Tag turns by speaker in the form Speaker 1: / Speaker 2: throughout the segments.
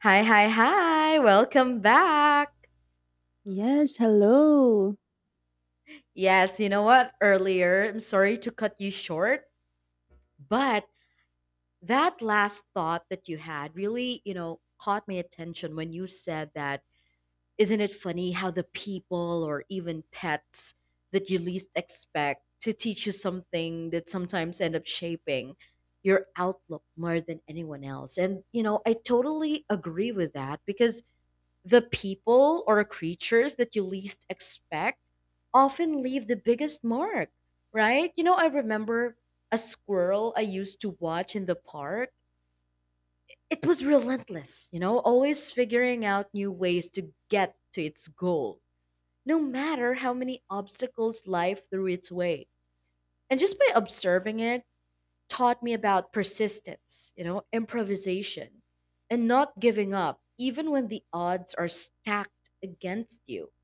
Speaker 1: Hi, hi, hi. Welcome back.
Speaker 2: Yes, hello.
Speaker 1: Yes, you know what? Earlier, I'm sorry to cut you short, but that last thought that you had really, you know, caught my attention when you said that, isn't it funny how the people or even pets that you least expect to teach you something that sometimes end up shaping your outlook more than anyone else? And, you know, I totally agree with that because the people or creatures that you least expect often leave the biggest mark, right? You know, I remember a squirrel I used to watch in the park. It was relentless, you know, always figuring out new ways to get to its goal, no matter how many obstacles life threw its way. And just by observing it, taught me about persistence, you know, improvisation, and not giving up, even when the odds are stacked against you.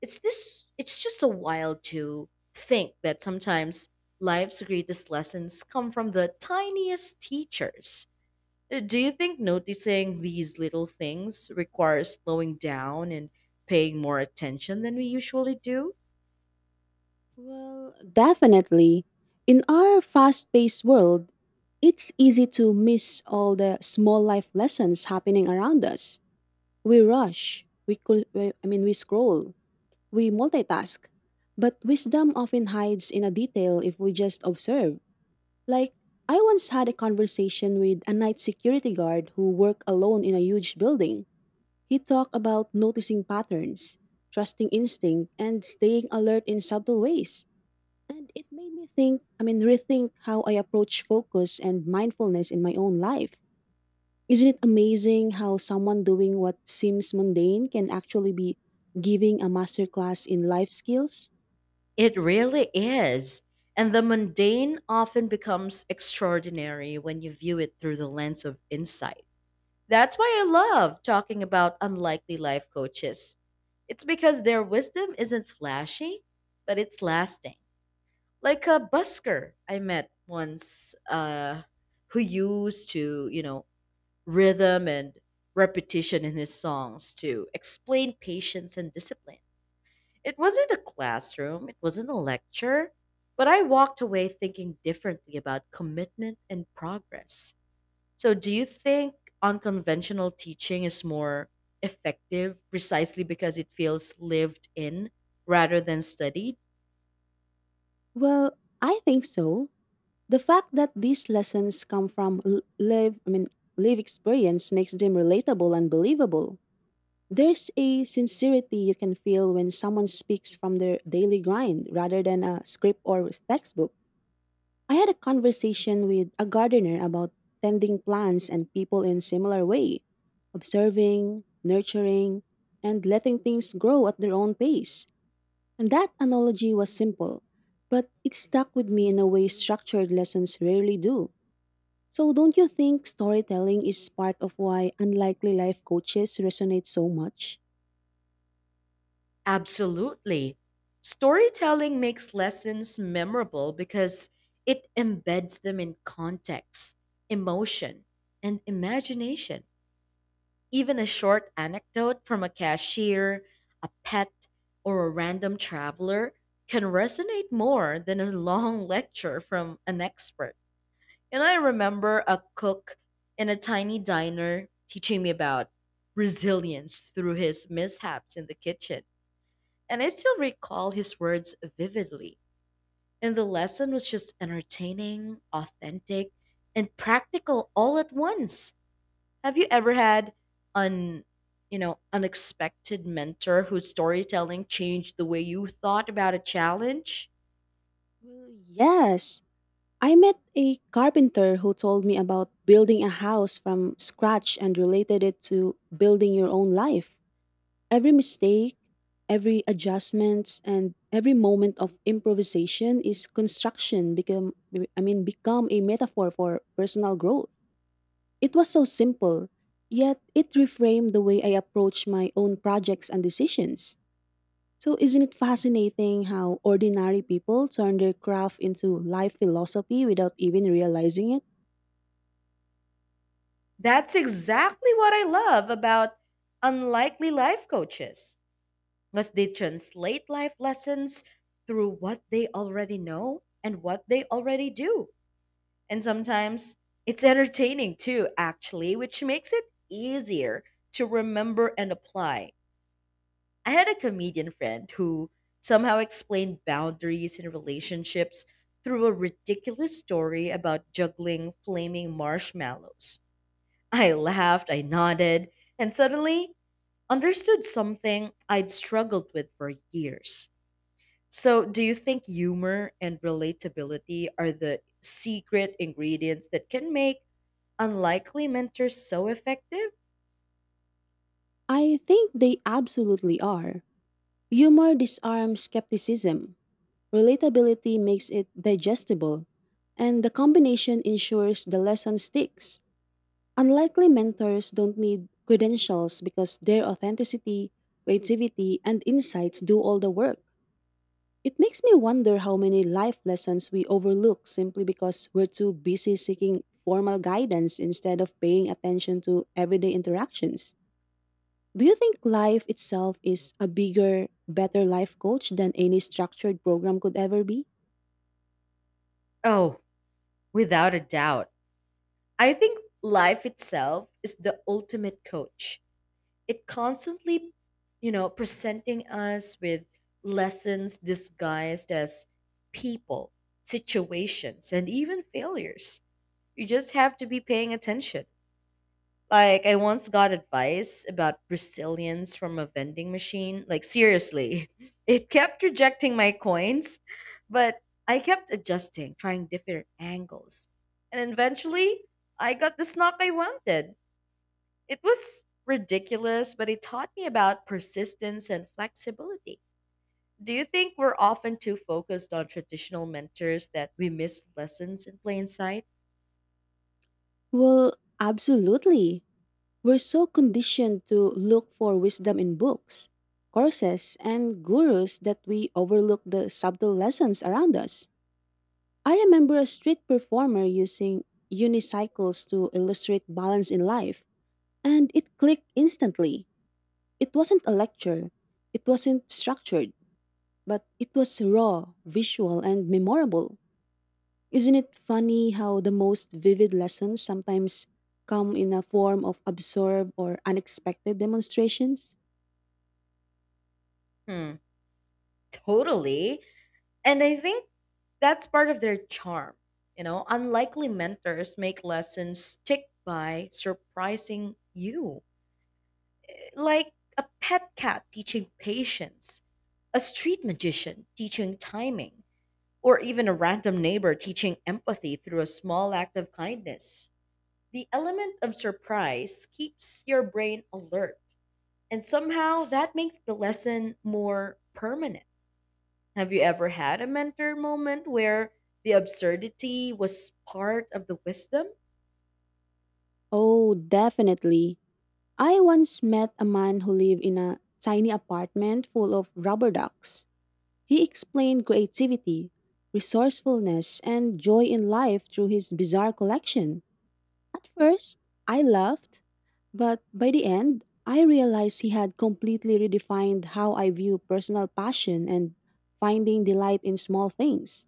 Speaker 1: It's just so wild to think that sometimes life's greatest lessons come from the tiniest teachers. Do you think noticing these little things requires slowing down and paying more attention than we usually do?
Speaker 2: Well, definitely. In our fast paced world, it's easy to miss all the small life lessons happening around us. We rush, we, col- we I mean we scroll, we multitask. But wisdom often hides in a detail if we just observe. Like I once had a conversation with a night security guard who worked alone in a huge building. He talked about noticing patterns, trusting instinct, and staying alert in subtle ways. And it made me rethink how I approach focus and mindfulness in my own life. Isn't it amazing how someone doing what seems mundane can actually be giving a masterclass in life skills?
Speaker 1: It really is. And the mundane often becomes extraordinary when you view it through the lens of insight. That's why I love talking about unlikely life coaches. It's because their wisdom isn't flashy, but it's lasting. Like a busker I met once who used to, you know, rhythm and repetition in his songs to explain patience and discipline. It wasn't a classroom, it wasn't a lecture, but I walked away thinking differently about commitment and progress. So, do you think unconventional teaching is more effective precisely because it feels lived in rather than studied?
Speaker 2: Well, I think so. The fact that these lessons come from live experience makes them relatable and believable. There's a sincerity you can feel when someone speaks from their daily grind rather than a script or textbook. I had a conversation with a gardener about tending plants and people in similar way, observing, nurturing, and letting things grow at their own pace. And that analogy was simple, but it stuck with me in a way structured lessons rarely do. So don't you think storytelling is part of why unlikely life coaches resonate so much?
Speaker 1: Absolutely. Storytelling makes lessons memorable because it embeds them in context, emotion, and imagination. Even a short anecdote from a cashier, a pet, or a random traveler can resonate more than a long lecture from an expert. And I remember a cook in a tiny diner teaching me about resilience through his mishaps in the kitchen. And I still recall his words vividly. And the lesson was just entertaining, authentic, and practical all at once. Have you ever had an unexpected mentor whose storytelling changed the way you thought about a challenge?
Speaker 2: Well, yes. I met a carpenter who told me about building a house from scratch and related it to building your own life. Every mistake, every adjustment, and every moment of improvisation is construction become I mean become a metaphor for personal growth. It was so simple, yet it reframed the way I approach my own projects and decisions. So, isn't it fascinating how ordinary people turn their craft into life philosophy without even realizing it?
Speaker 1: That's exactly what I love about unlikely life coaches. Must they translate life lessons through what they already know and what they already do? And sometimes it's entertaining too, actually, which makes it easier to remember and apply. I had a comedian friend who somehow explained boundaries in relationships through a ridiculous story about juggling flaming marshmallows. I laughed, I nodded, and suddenly understood something I'd struggled with for years. So, do you think humor and relatability are the secret ingredients that can make unlikely mentors so effective?
Speaker 2: I think they absolutely are. Humor disarms skepticism, relatability makes it digestible, and the combination ensures the lesson sticks. Unlikely mentors don't need credentials because their authenticity, creativity, and insights do all the work. It makes me wonder how many life lessons we overlook simply because we're too busy seeking formal guidance instead of paying attention to everyday interactions. Do you think life itself is a bigger, better life coach than any structured program could ever be?
Speaker 1: Oh, without a doubt. I think life itself is the ultimate coach. It constantly, you know, presenting us with lessons disguised as people, situations, and even failures. You just have to be paying attention. Like I once got advice about resilience from a vending machine, like seriously. It kept rejecting my coins, but I kept adjusting, trying different angles, and eventually I got the snack I wanted. It was ridiculous, but it taught me about persistence and flexibility. Do you think we're often too focused on traditional mentors that we miss lessons in plain sight?
Speaker 2: Well, absolutely. We're so conditioned to look for wisdom in books, courses, and gurus that we overlook the subtle lessons around us. I remember a street performer using unicycles to illustrate balance in life, and it clicked instantly. It wasn't a lecture, it wasn't structured, but it was raw, visual, and memorable. Isn't it funny how the most vivid lessons sometimes come in a form of absurd or unexpected demonstrations?
Speaker 1: Hmm, totally. And I think that's part of their charm. You know, unlikely mentors make lessons stick by surprising you. Like a pet cat teaching patience, a street magician teaching timing, or even a random neighbor teaching empathy through a small act of kindness. The element of surprise keeps your brain alert, and somehow that makes the lesson more permanent. Have you ever had a mentor moment where the absurdity was part of the wisdom?
Speaker 2: Oh, definitely. I once met a man who lived in a tiny apartment full of rubber ducks. He explained creativity, resourcefulness, and joy in life through his bizarre collection. At first, I laughed, but by the end, I realized he had completely redefined how I view personal passion and finding delight in small things.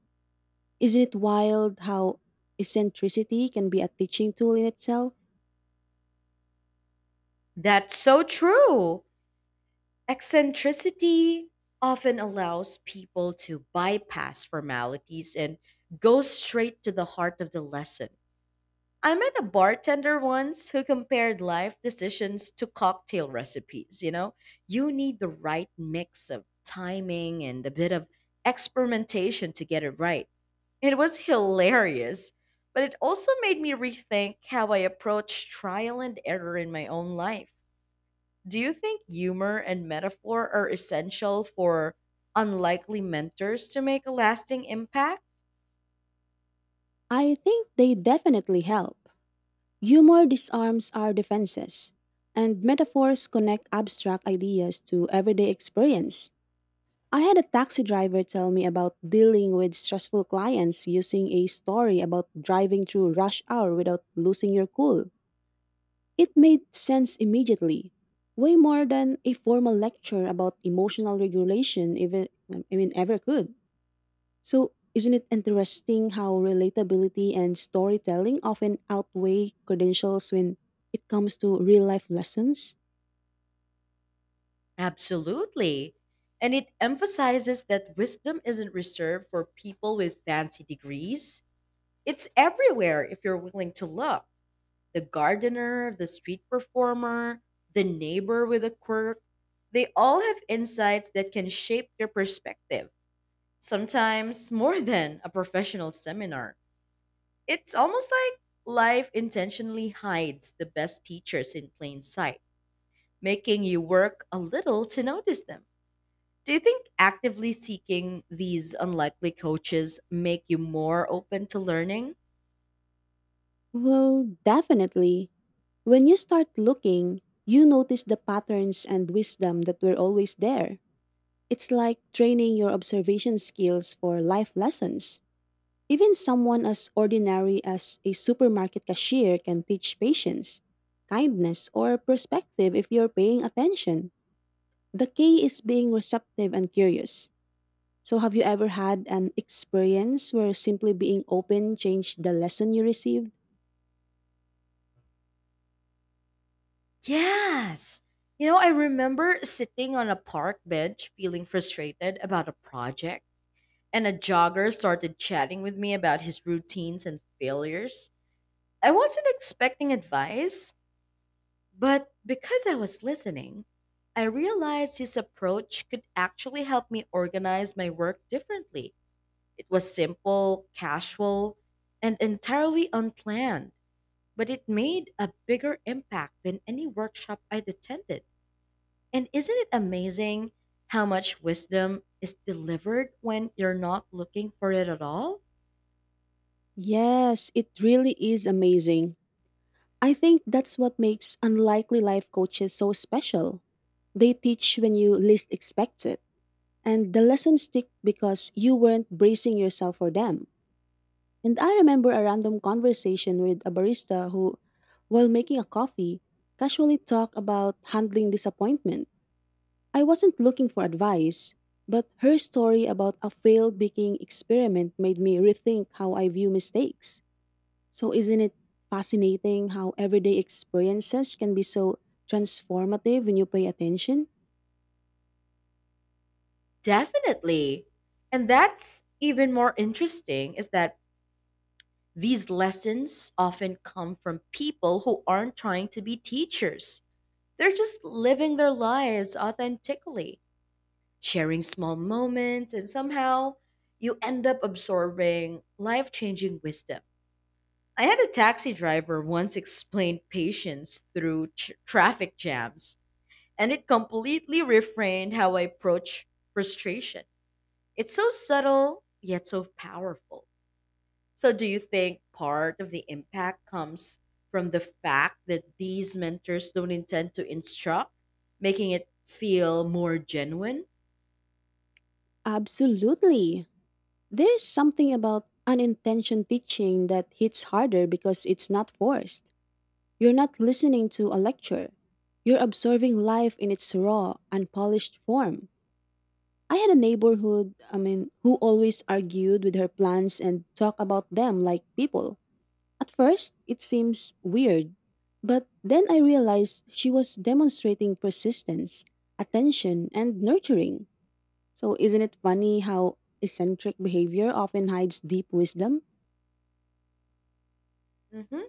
Speaker 2: Isn't it wild how eccentricity can be a teaching tool in itself?
Speaker 1: That's so true. Eccentricity often allows people to bypass formalities and go straight to the heart of the lesson. I met a bartender once who compared life decisions to cocktail recipes. You know, you need the right mix of timing and a bit of experimentation to get it right. It was hilarious, but it also made me rethink how I approach trial and error in my own life. Do you think humor and metaphor are essential for unlikely mentors to make a lasting impact?
Speaker 2: I think they definitely help. Humor disarms our defenses, and metaphors connect abstract ideas to everyday experience. I had a taxi driver tell me about dealing with stressful clients using a story about driving through rush hour without losing your cool. It made sense immediately, way more than a formal lecture about emotional regulation even I mean ever could. So, isn't it interesting how relatability and storytelling often outweigh credentials when it comes to real life lessons?
Speaker 1: Absolutely. And it emphasizes that wisdom isn't reserved for people with fancy degrees. It's everywhere if you're willing to look. The gardener, the street performer, the neighbor with a quirk, they all have insights that can shape your perspective, sometimes more than a professional seminar. It's almost like life intentionally hides the best teachers in plain sight, making you work a little to notice them. Do you think actively seeking these unlikely coaches make you more open to learning?
Speaker 2: Well, definitely. When you start looking, you notice the patterns and wisdom that were always there. It's like training your observation skills for life lessons. Even someone as ordinary as a supermarket cashier can teach patience, kindness, or perspective if you're paying attention. The key is being receptive and curious. So, have you ever had an experience where simply being open changed the lesson you received?
Speaker 1: Yes. You know, I remember sitting on a park bench feeling frustrated about a project, and a jogger started chatting with me about his routines and failures. I wasn't expecting advice, but because I was listening, I realized his approach could actually help me organize my work differently. It was simple, casual, and entirely unplanned, but it made a bigger impact than any workshop I'd attended. And isn't it amazing how much wisdom is delivered when you're not looking for it at all?
Speaker 2: Yes, it really is amazing. I think that's what makes unlikely life coaches so special. They teach when you least expect it, and the lessons stick because you weren't bracing yourself for them. And I remember a random conversation with a barista who, while making a coffee, casually talked about handling disappointment. I wasn't looking for advice, but her story about a failed baking experiment made me rethink how I view mistakes. So, isn't it fascinating how everyday experiences can be so transformative when you pay attention?
Speaker 1: Definitely. And that's even more interesting is that these lessons often come from people who aren't trying to be teachers. They're just living their lives authentically, sharing small moments, and somehow you end up absorbing life changing wisdom. I had a taxi driver once explain patience through tr traffic jams, and it completely reframed how I approach frustration. It's so subtle, yet so powerful. So, do you think part of the impact comes from the fact that these mentors don't intend to instruct, making it feel more genuine?
Speaker 2: Absolutely. There is something about unintentional teaching that hits harder because it's not forced. You're not listening to a lecture, you're observing life in its raw, unpolished form. I had a who always argued with her plans and talked about them like people. At first, it seems weird, but then I realized she was demonstrating persistence, attention, and nurturing. So, isn't it funny how eccentric behavior often hides deep wisdom?
Speaker 1: Hmm.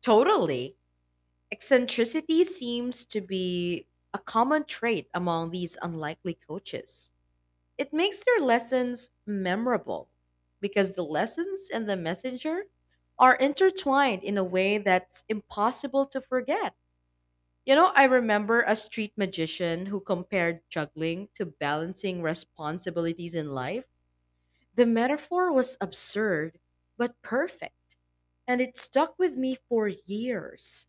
Speaker 1: Totally. Eccentricity seems to be a common trait among these unlikely coaches. It makes their lessons memorable because the lessons and the messenger are intertwined in a way that's impossible to forget. You know, I remember a street magician who compared juggling to balancing responsibilities in life. The metaphor was absurd, but perfect, and it stuck with me for years.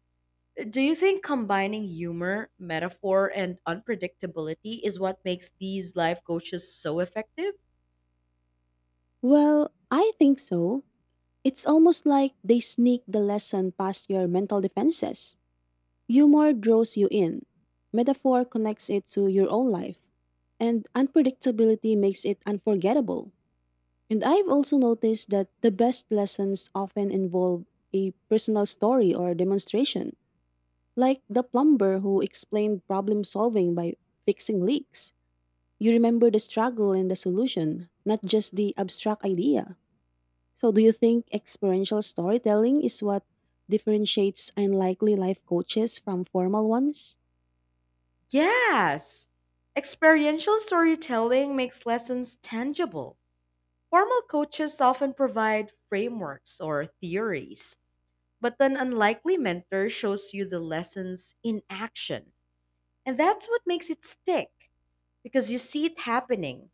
Speaker 1: Do you think combining humor, metaphor, and unpredictability is what makes these life coaches so effective?
Speaker 2: Well, I think so. It's almost like they sneak the lesson past your mental defenses. Humor draws you in, metaphor connects it to your own life, and unpredictability makes it unforgettable. And I've also noticed that the best lessons often involve a personal story or demonstration, like the plumber who explained problem solving by fixing leaks. You remember the struggle and the solution, not just the abstract idea. So, do you think experiential storytelling is what differentiates unlikely life coaches from formal ones?
Speaker 1: Yes. Experiential storytelling makes lessons tangible. Formal coaches often provide frameworks or theories, but an unlikely mentor shows you the lessons in action. And that's what makes it stick, because you see it happening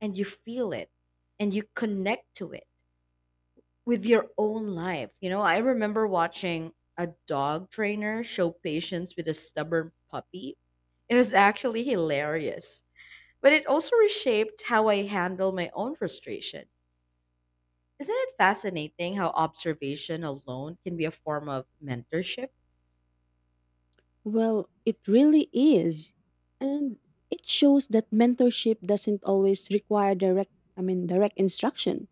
Speaker 1: and you feel it and you connect to it with your own life. You know, I remember watching a dog trainer show patience with a stubborn puppy. It was actually hilarious, but it also reshaped how I handle my own frustration. Isn't it fascinating how observation alone can be a form of mentorship?
Speaker 2: Well, it really is. And it shows that mentorship doesn't always require direct I mean direct instruction.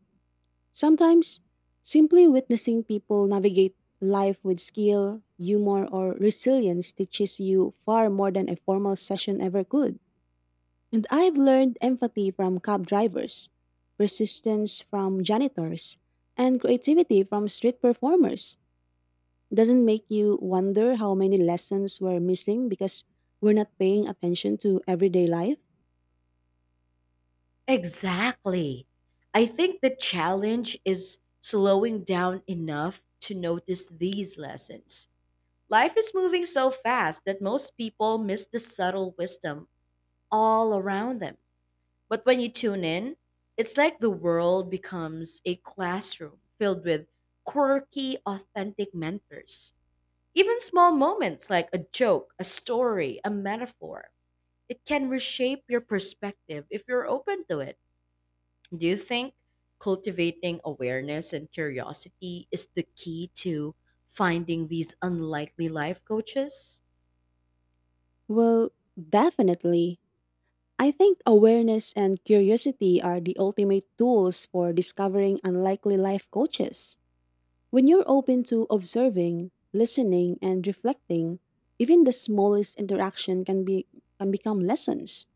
Speaker 2: Sometimes simply witnessing people navigate life with skill, humor or resilience teaches you far more than a formal session ever could. And I've learned empathy from cab drivers, persistence from janitors, and creativity from street performers. Doesn't make you wonder how many lessons were missing because we're not paying attention to everyday life?
Speaker 1: Exactly. I think the challenge is slowing down enough to notice these lessons. Life is moving so fast that most people miss the subtle wisdom all around them. But when you tune in, it's like the world becomes a classroom filled with quirky, authentic mentors. Even small moments like a joke, a story, a metaphor, it can reshape your perspective if you're open to it. Do you think cultivating awareness and curiosity is the key to finding these unlikely life coaches?
Speaker 2: Well, definitely. I think awareness and curiosity are the ultimate tools for discovering unlikely life coaches. When you're open to observing, listening, and reflecting, even the smallest interaction can become lessons.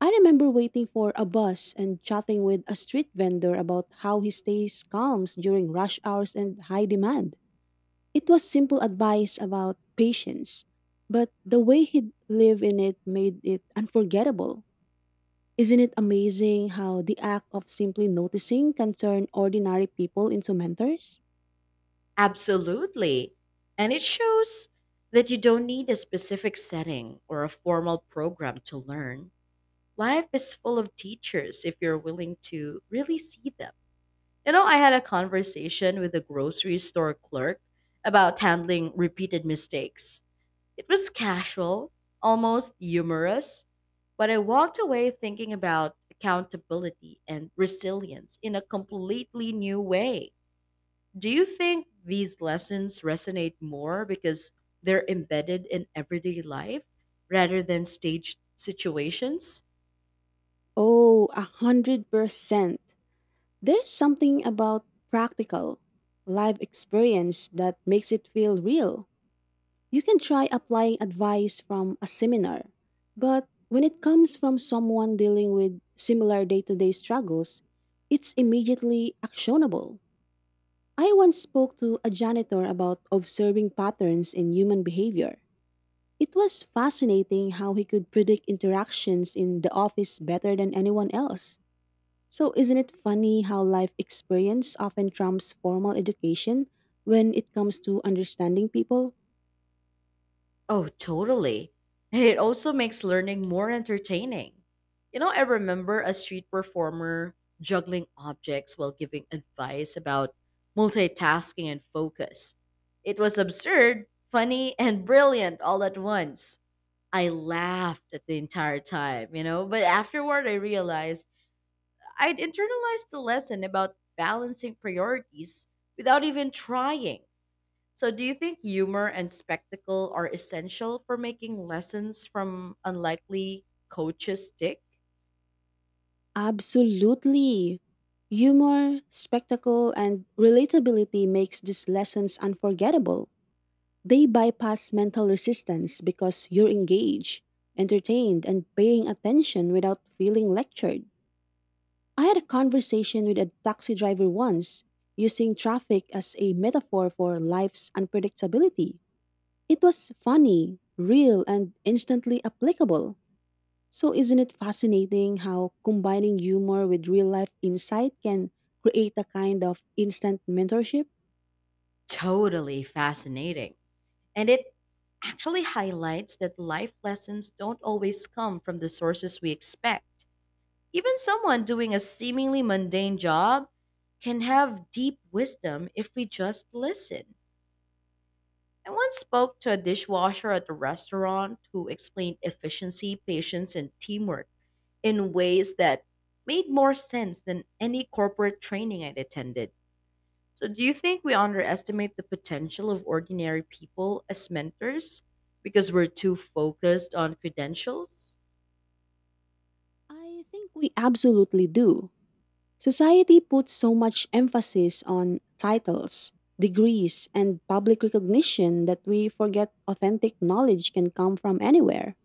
Speaker 2: I remember waiting for a bus and chatting with a street vendor about how he stays calm during rush hours and high demand. It was simple advice about patience, but the way he lived in it made it unforgettable. Isn't it amazing how the act of simply noticing can turn ordinary people into mentors?
Speaker 1: Absolutely. And it shows that you don't need a specific setting or a formal program to learn. Life is full of teachers if you're willing to really see them. You know, I had a conversation with a grocery store clerk about handling repeated mistakes. It was casual, almost humorous, but I walked away thinking about accountability and resilience in a completely new way. Do you think these lessons resonate more because they're embedded in everyday life rather than staged situations?
Speaker 2: Oh, 100%. There's something about practical, live experience that makes it feel real. You can try applying advice from a seminar, but when it comes from someone dealing with similar day to day struggles, it's immediately actionable. I once spoke to a janitor about observing patterns in human behavior. It was fascinating how he could predict interactions in the office better than anyone else. So, isn't it funny how life experience often trumps formal education when it comes to understanding people?
Speaker 1: Oh, totally. And it also makes learning more entertaining. You know, I remember a street performer juggling objects while giving advice about multitasking and focus. It was absurd, funny, and brilliant all at once. I laughed at the entire time, you know, but afterward I realized I'd internalized the lesson about balancing priorities without even trying. So, do you think humor and spectacle are essential for making lessons from unlikely coaches stick?
Speaker 2: Absolutely. Humor, spectacle, and relatability makes these lessons unforgettable. They bypass mental resistance because you're engaged, entertained, and paying attention without feeling lectured. I had a conversation with a taxi driver once, using traffic as a metaphor for life's unpredictability. It was funny, real, and instantly applicable. So, isn't it fascinating how combining humor with real life insight can create a kind of instant mentorship?
Speaker 1: Totally fascinating. And it actually highlights that life lessons don't always come from the sources we expect. Even someone doing a seemingly mundane job can have deep wisdom if we just listen. I once spoke to a dishwasher at a restaurant who explained efficiency, patience, and teamwork in ways that made more sense than any corporate training I'd attended. So, do you think we underestimate the potential of ordinary people as mentors because we're too focused on credentials?
Speaker 2: I think we absolutely do. Society puts so much emphasis on titles, degrees, and public recognition that we forget authentic knowledge can come from anywhere.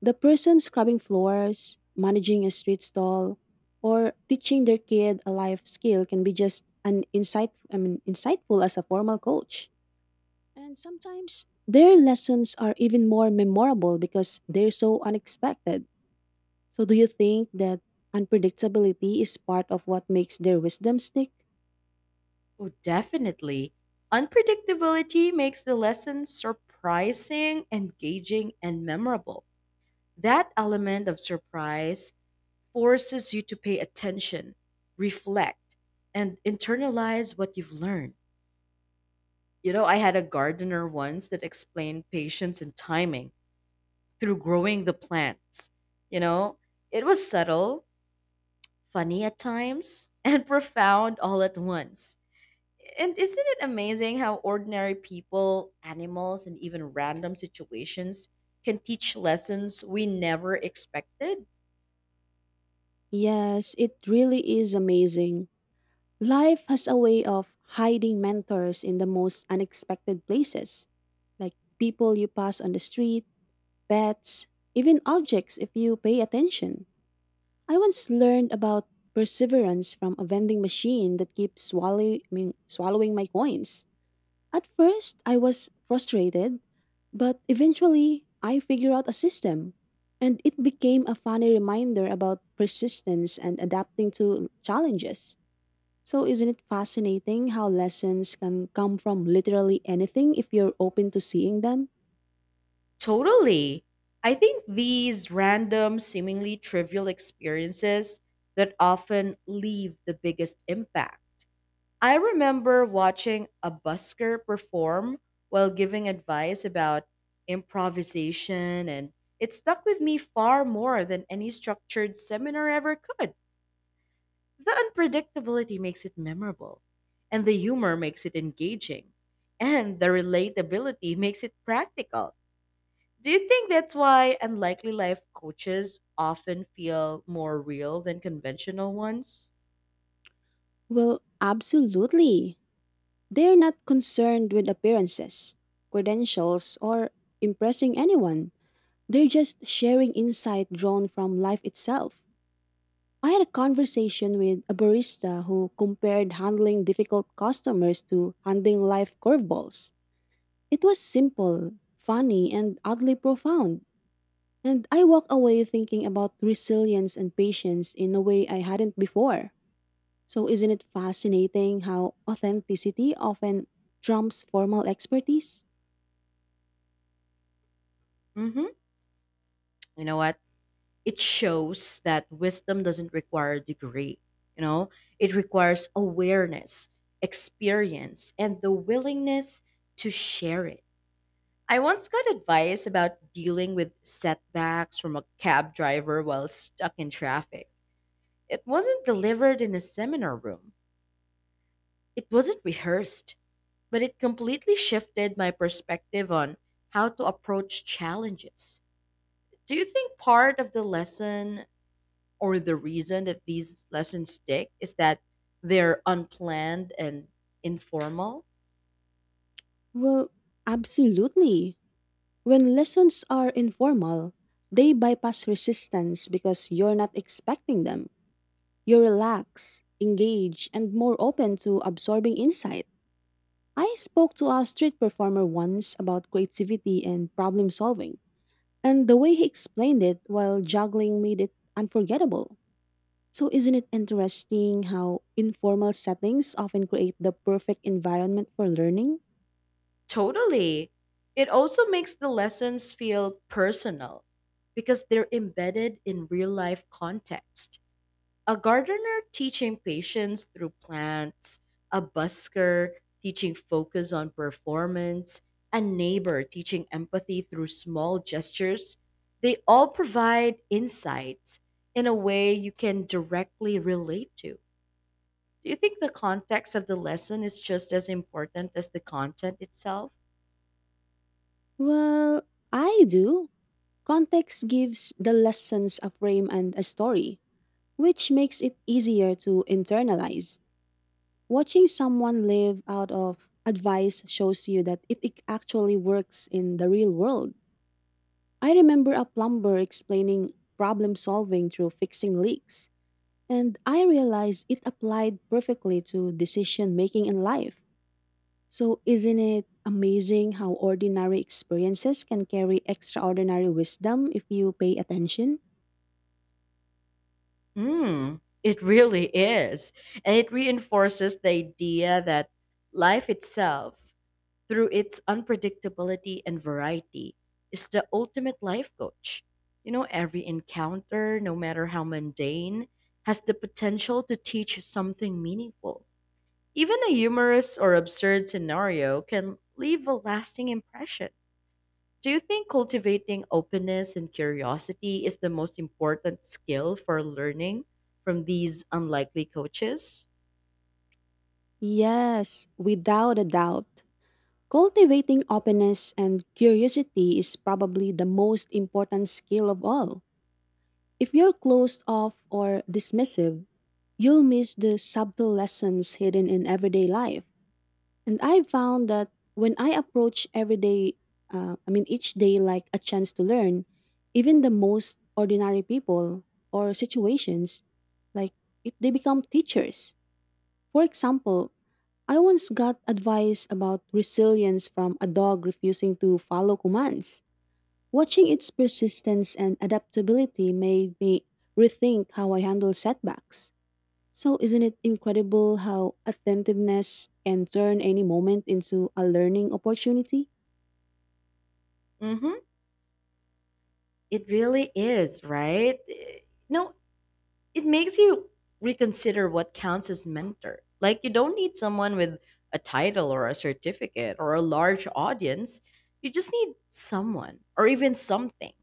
Speaker 2: The person scrubbing floors, managing a street stall, or teaching their kid a life skill can be just an insightful as a formal coach. And sometimes their lessons are even more memorable because they're so unexpected. So, do you think that unpredictability is part of what makes their wisdom stick?
Speaker 1: Oh, definitely. Unpredictability makes the lesson surprising, engaging, and memorable. That element of surprise forces you to pay attention, reflect, and internalize what you've learned. You know, I had a gardener once that explained patience and timing through growing the plants. You know, it was subtle, funny at times, and profound all at once. And isn't it amazing how ordinary people, animals, and even random situations can teach lessons we never expected?
Speaker 2: Yes, it really is amazing. Life has a way of hiding mentors in the most unexpected places, like people you pass on the street, pets, even objects if you pay attention. I once learned about perseverance from a vending machine that keeps swallowing my coins. At first, I was frustrated, but eventually, I figured out a system. And it became a funny reminder about persistence and adapting to challenges. So, isn't it fascinating how lessons can come from literally anything if you're open to seeing them?
Speaker 1: Totally. I think these random, seemingly trivial experiences that often leave the biggest impact. I remember watching a busker perform while giving advice about improvisation, and it stuck with me far more than any structured seminar ever could. The unpredictability makes it memorable, and the humor makes it engaging, and the relatability makes it practical. Do you think that's why unlikely life coaches often feel more real than conventional ones?
Speaker 2: Well, absolutely. They're not concerned with appearances, credentials, or impressing anyone. They're just sharing insight drawn from life itself. I had a conversation with a barista who compared handling difficult customers to handling life curveballs. It was simple, funny, and oddly profound. And I walk away thinking about resilience and patience in a way I hadn't before. So, isn't it fascinating how authenticity often trumps formal expertise?
Speaker 1: Hmm. You know what? It shows that wisdom doesn't require a degree. You know, it requires awareness, experience, and the willingness to share it. I once got advice about dealing with setbacks from a cab driver while stuck in traffic. It wasn't delivered in a seminar room, it wasn't rehearsed, but it completely shifted my perspective on how to approach challenges. Do you think part of the lesson or the reason that these lessons stick is that they're unplanned and informal?
Speaker 2: Well, absolutely. When lessons are informal, they bypass resistance because you're not expecting them. You relax, engage, and more open to absorbing insight. I spoke to a street performer once about creativity and problem solving, and the way he explained it while juggling made it unforgettable. So, isn't it interesting how informal settings often create the perfect environment for learning?
Speaker 1: Totally. It also makes the lessons feel personal because they're embedded in real life context. A gardener teaching patience through plants, a busker teaching focus on performance, a neighbor teaching empathy through small gestures. They all provide insights in a way you can directly relate to. Do you think the context of the lesson is just as important as the content itself?
Speaker 2: Well, I do. Context gives the lessons a frame and a story, which makes it easier to internalize. Watching someone live out of advice shows you that it actually works in the real world. I remember a plumber explaining problem solving through fixing leaks. And I realized it applied perfectly to decision making in life. So, isn't it amazing how ordinary experiences can carry extraordinary wisdom if you pay attention?
Speaker 1: Mm, it really is. And it reinforces the idea that life itself, through its unpredictability and variety, is the ultimate life coach. You know, every encounter, no matter how mundane, has the potential to teach something meaningful. Even a humorous or absurd scenario can leave a lasting impression. Do you think cultivating openness and curiosity is the most important skill for learning from these unlikely coaches?
Speaker 2: Yes, without a doubt. Cultivating openness and curiosity is probably the most important skill of all. If you're closed off or dismissive, you'll miss the subtle lessons hidden in everyday life. And I found that when I approach every day, each day like a chance to learn, even the most ordinary people or situations, like it, they become teachers. For example, I once got advice about resilience from a dog refusing to follow commands. Watching its persistence and adaptability made me rethink how I handle setbacks. So, isn't it incredible how attentiveness can turn any moment into a learning opportunity?
Speaker 1: Mm-hmm. It really is, right? No, it makes you reconsider what counts as mentor. Like, you don't need someone with a title or a certificate or a large audience. You just need someone or even something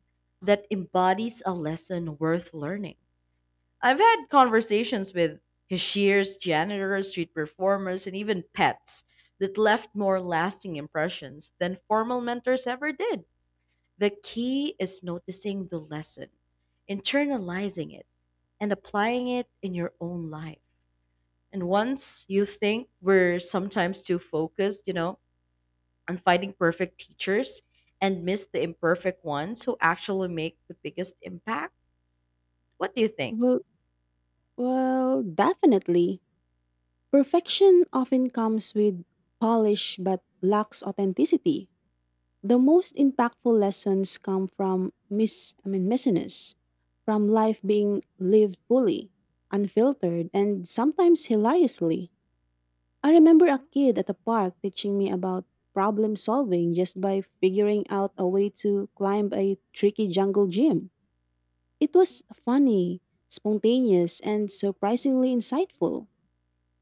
Speaker 1: that embodies a lesson worth learning. I've had conversations with cashiers, janitors, street performers, and even pets that left more lasting impressions than formal mentors ever did. The key is noticing the lesson, internalizing it, and applying it in your own life. And once you think we're sometimes too focused, on finding perfect teachers and miss the imperfect ones who actually make the biggest impact, what do you think?
Speaker 2: Well, Well, definitely. Perfection often comes with polish but lacks authenticity. The most impactful lessons come from miss I mean messiness, from life being lived fully, unfiltered, and sometimes hilariously. I remember a kid at the park teaching me about problem solving just by figuring out a way to climb a tricky jungle gym. It was funny, spontaneous, and surprisingly insightful.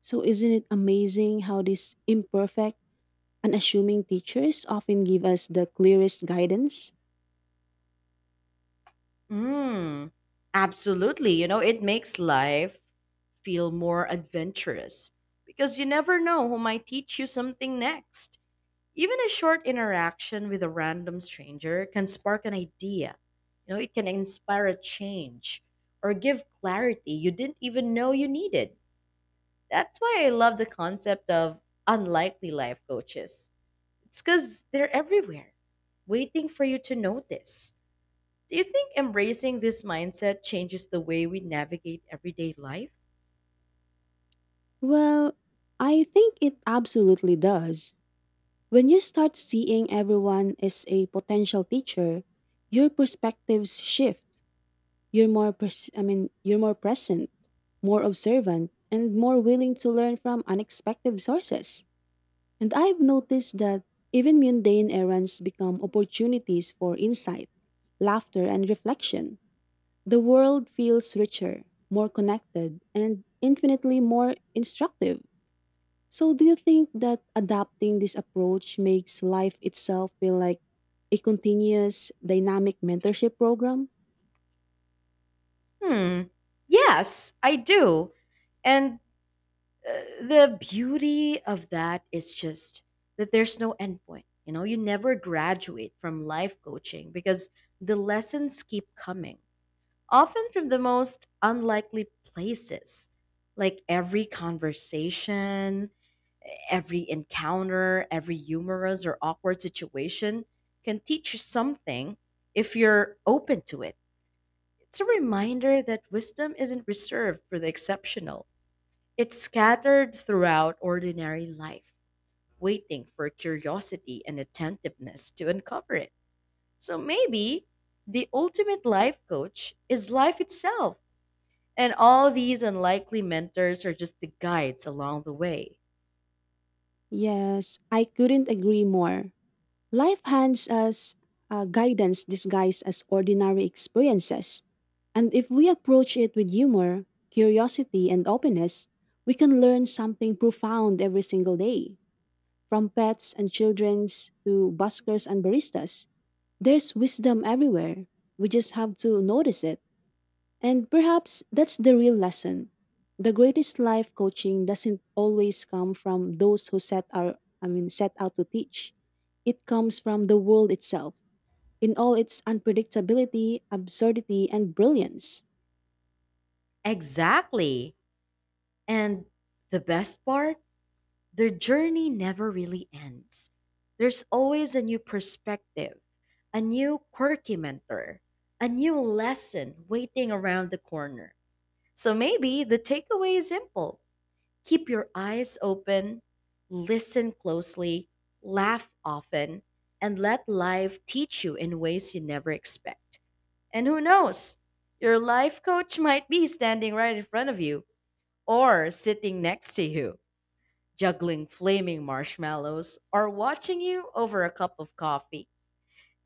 Speaker 2: So, isn't it amazing how these imperfect, unassuming teachers often give us the clearest guidance?
Speaker 1: Mm, absolutely. You know, it makes life feel more adventurous because you never know who might teach you something next. Even a short interaction with a random stranger can spark an idea. You know, it can inspire a change or give clarity you didn't even know you needed. That's why I love the concept of unlikely life coaches. It's because they're everywhere, waiting for you to notice. Do you think embracing this mindset changes the way we navigate everyday life?
Speaker 2: Well, I think it absolutely does. When you start seeing everyone as a potential teacher, your perspectives shift. You're more you're more present, more observant, and more willing to learn from unexpected sources. And I've noticed that even mundane errands become opportunities for insight, laughter, and reflection. The world feels richer, more connected, and infinitely more instructive. So, do you think that adopting this approach makes life itself feel like a continuous dynamic mentorship program?
Speaker 1: Hmm. Yes, I do. And uh, the beauty of that is just that there's no endpoint. You know, you never graduate from life coaching because the lessons keep coming, often from the most unlikely places, like every conversation, every encounter, every humorous or awkward situation can teach you something if you're open to it. It's a reminder that wisdom isn't reserved for the exceptional, it's scattered throughout ordinary life, waiting for curiosity and attentiveness to uncover it. So maybe the ultimate life coach is life itself, and all these unlikely mentors are just the guides along the way.
Speaker 2: Yes, I couldn't agree more. Life hands us guidance disguised as ordinary experiences. And if we approach it with humor, curiosity, and openness, we can learn something profound every single day. From pets and childrens to buskers and baristas, there's wisdom everywhere. We just have to notice it. And perhaps that's the real lesson. The greatest life coaching doesn't always come from those who set our I mean set out to teach. It comes from the world itself, in all its unpredictability, absurdity, and brilliance.
Speaker 1: Exactly. And the best part, their journey never really ends. There's always a new perspective, a new quirky mentor, a new lesson waiting around the corner. So maybe the takeaway is simple. Keep your eyes open, listen closely, laugh often, and let life teach you in ways you never expect. And who knows? Your life coach might be standing right in front of you or sitting next to you juggling flaming marshmallows, or watching you over a cup of coffee.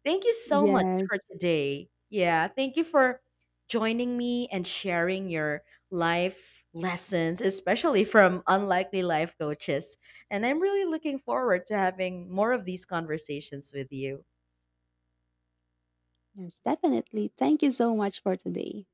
Speaker 1: Thank you so much
Speaker 2: Yes,
Speaker 1: for today. Yeah, thank you for joining me and sharing your life lessons, especially from unlikely life coaches. And I'm really looking forward to having more of these conversations with you.
Speaker 2: yes, definitely. Thank you so much for today.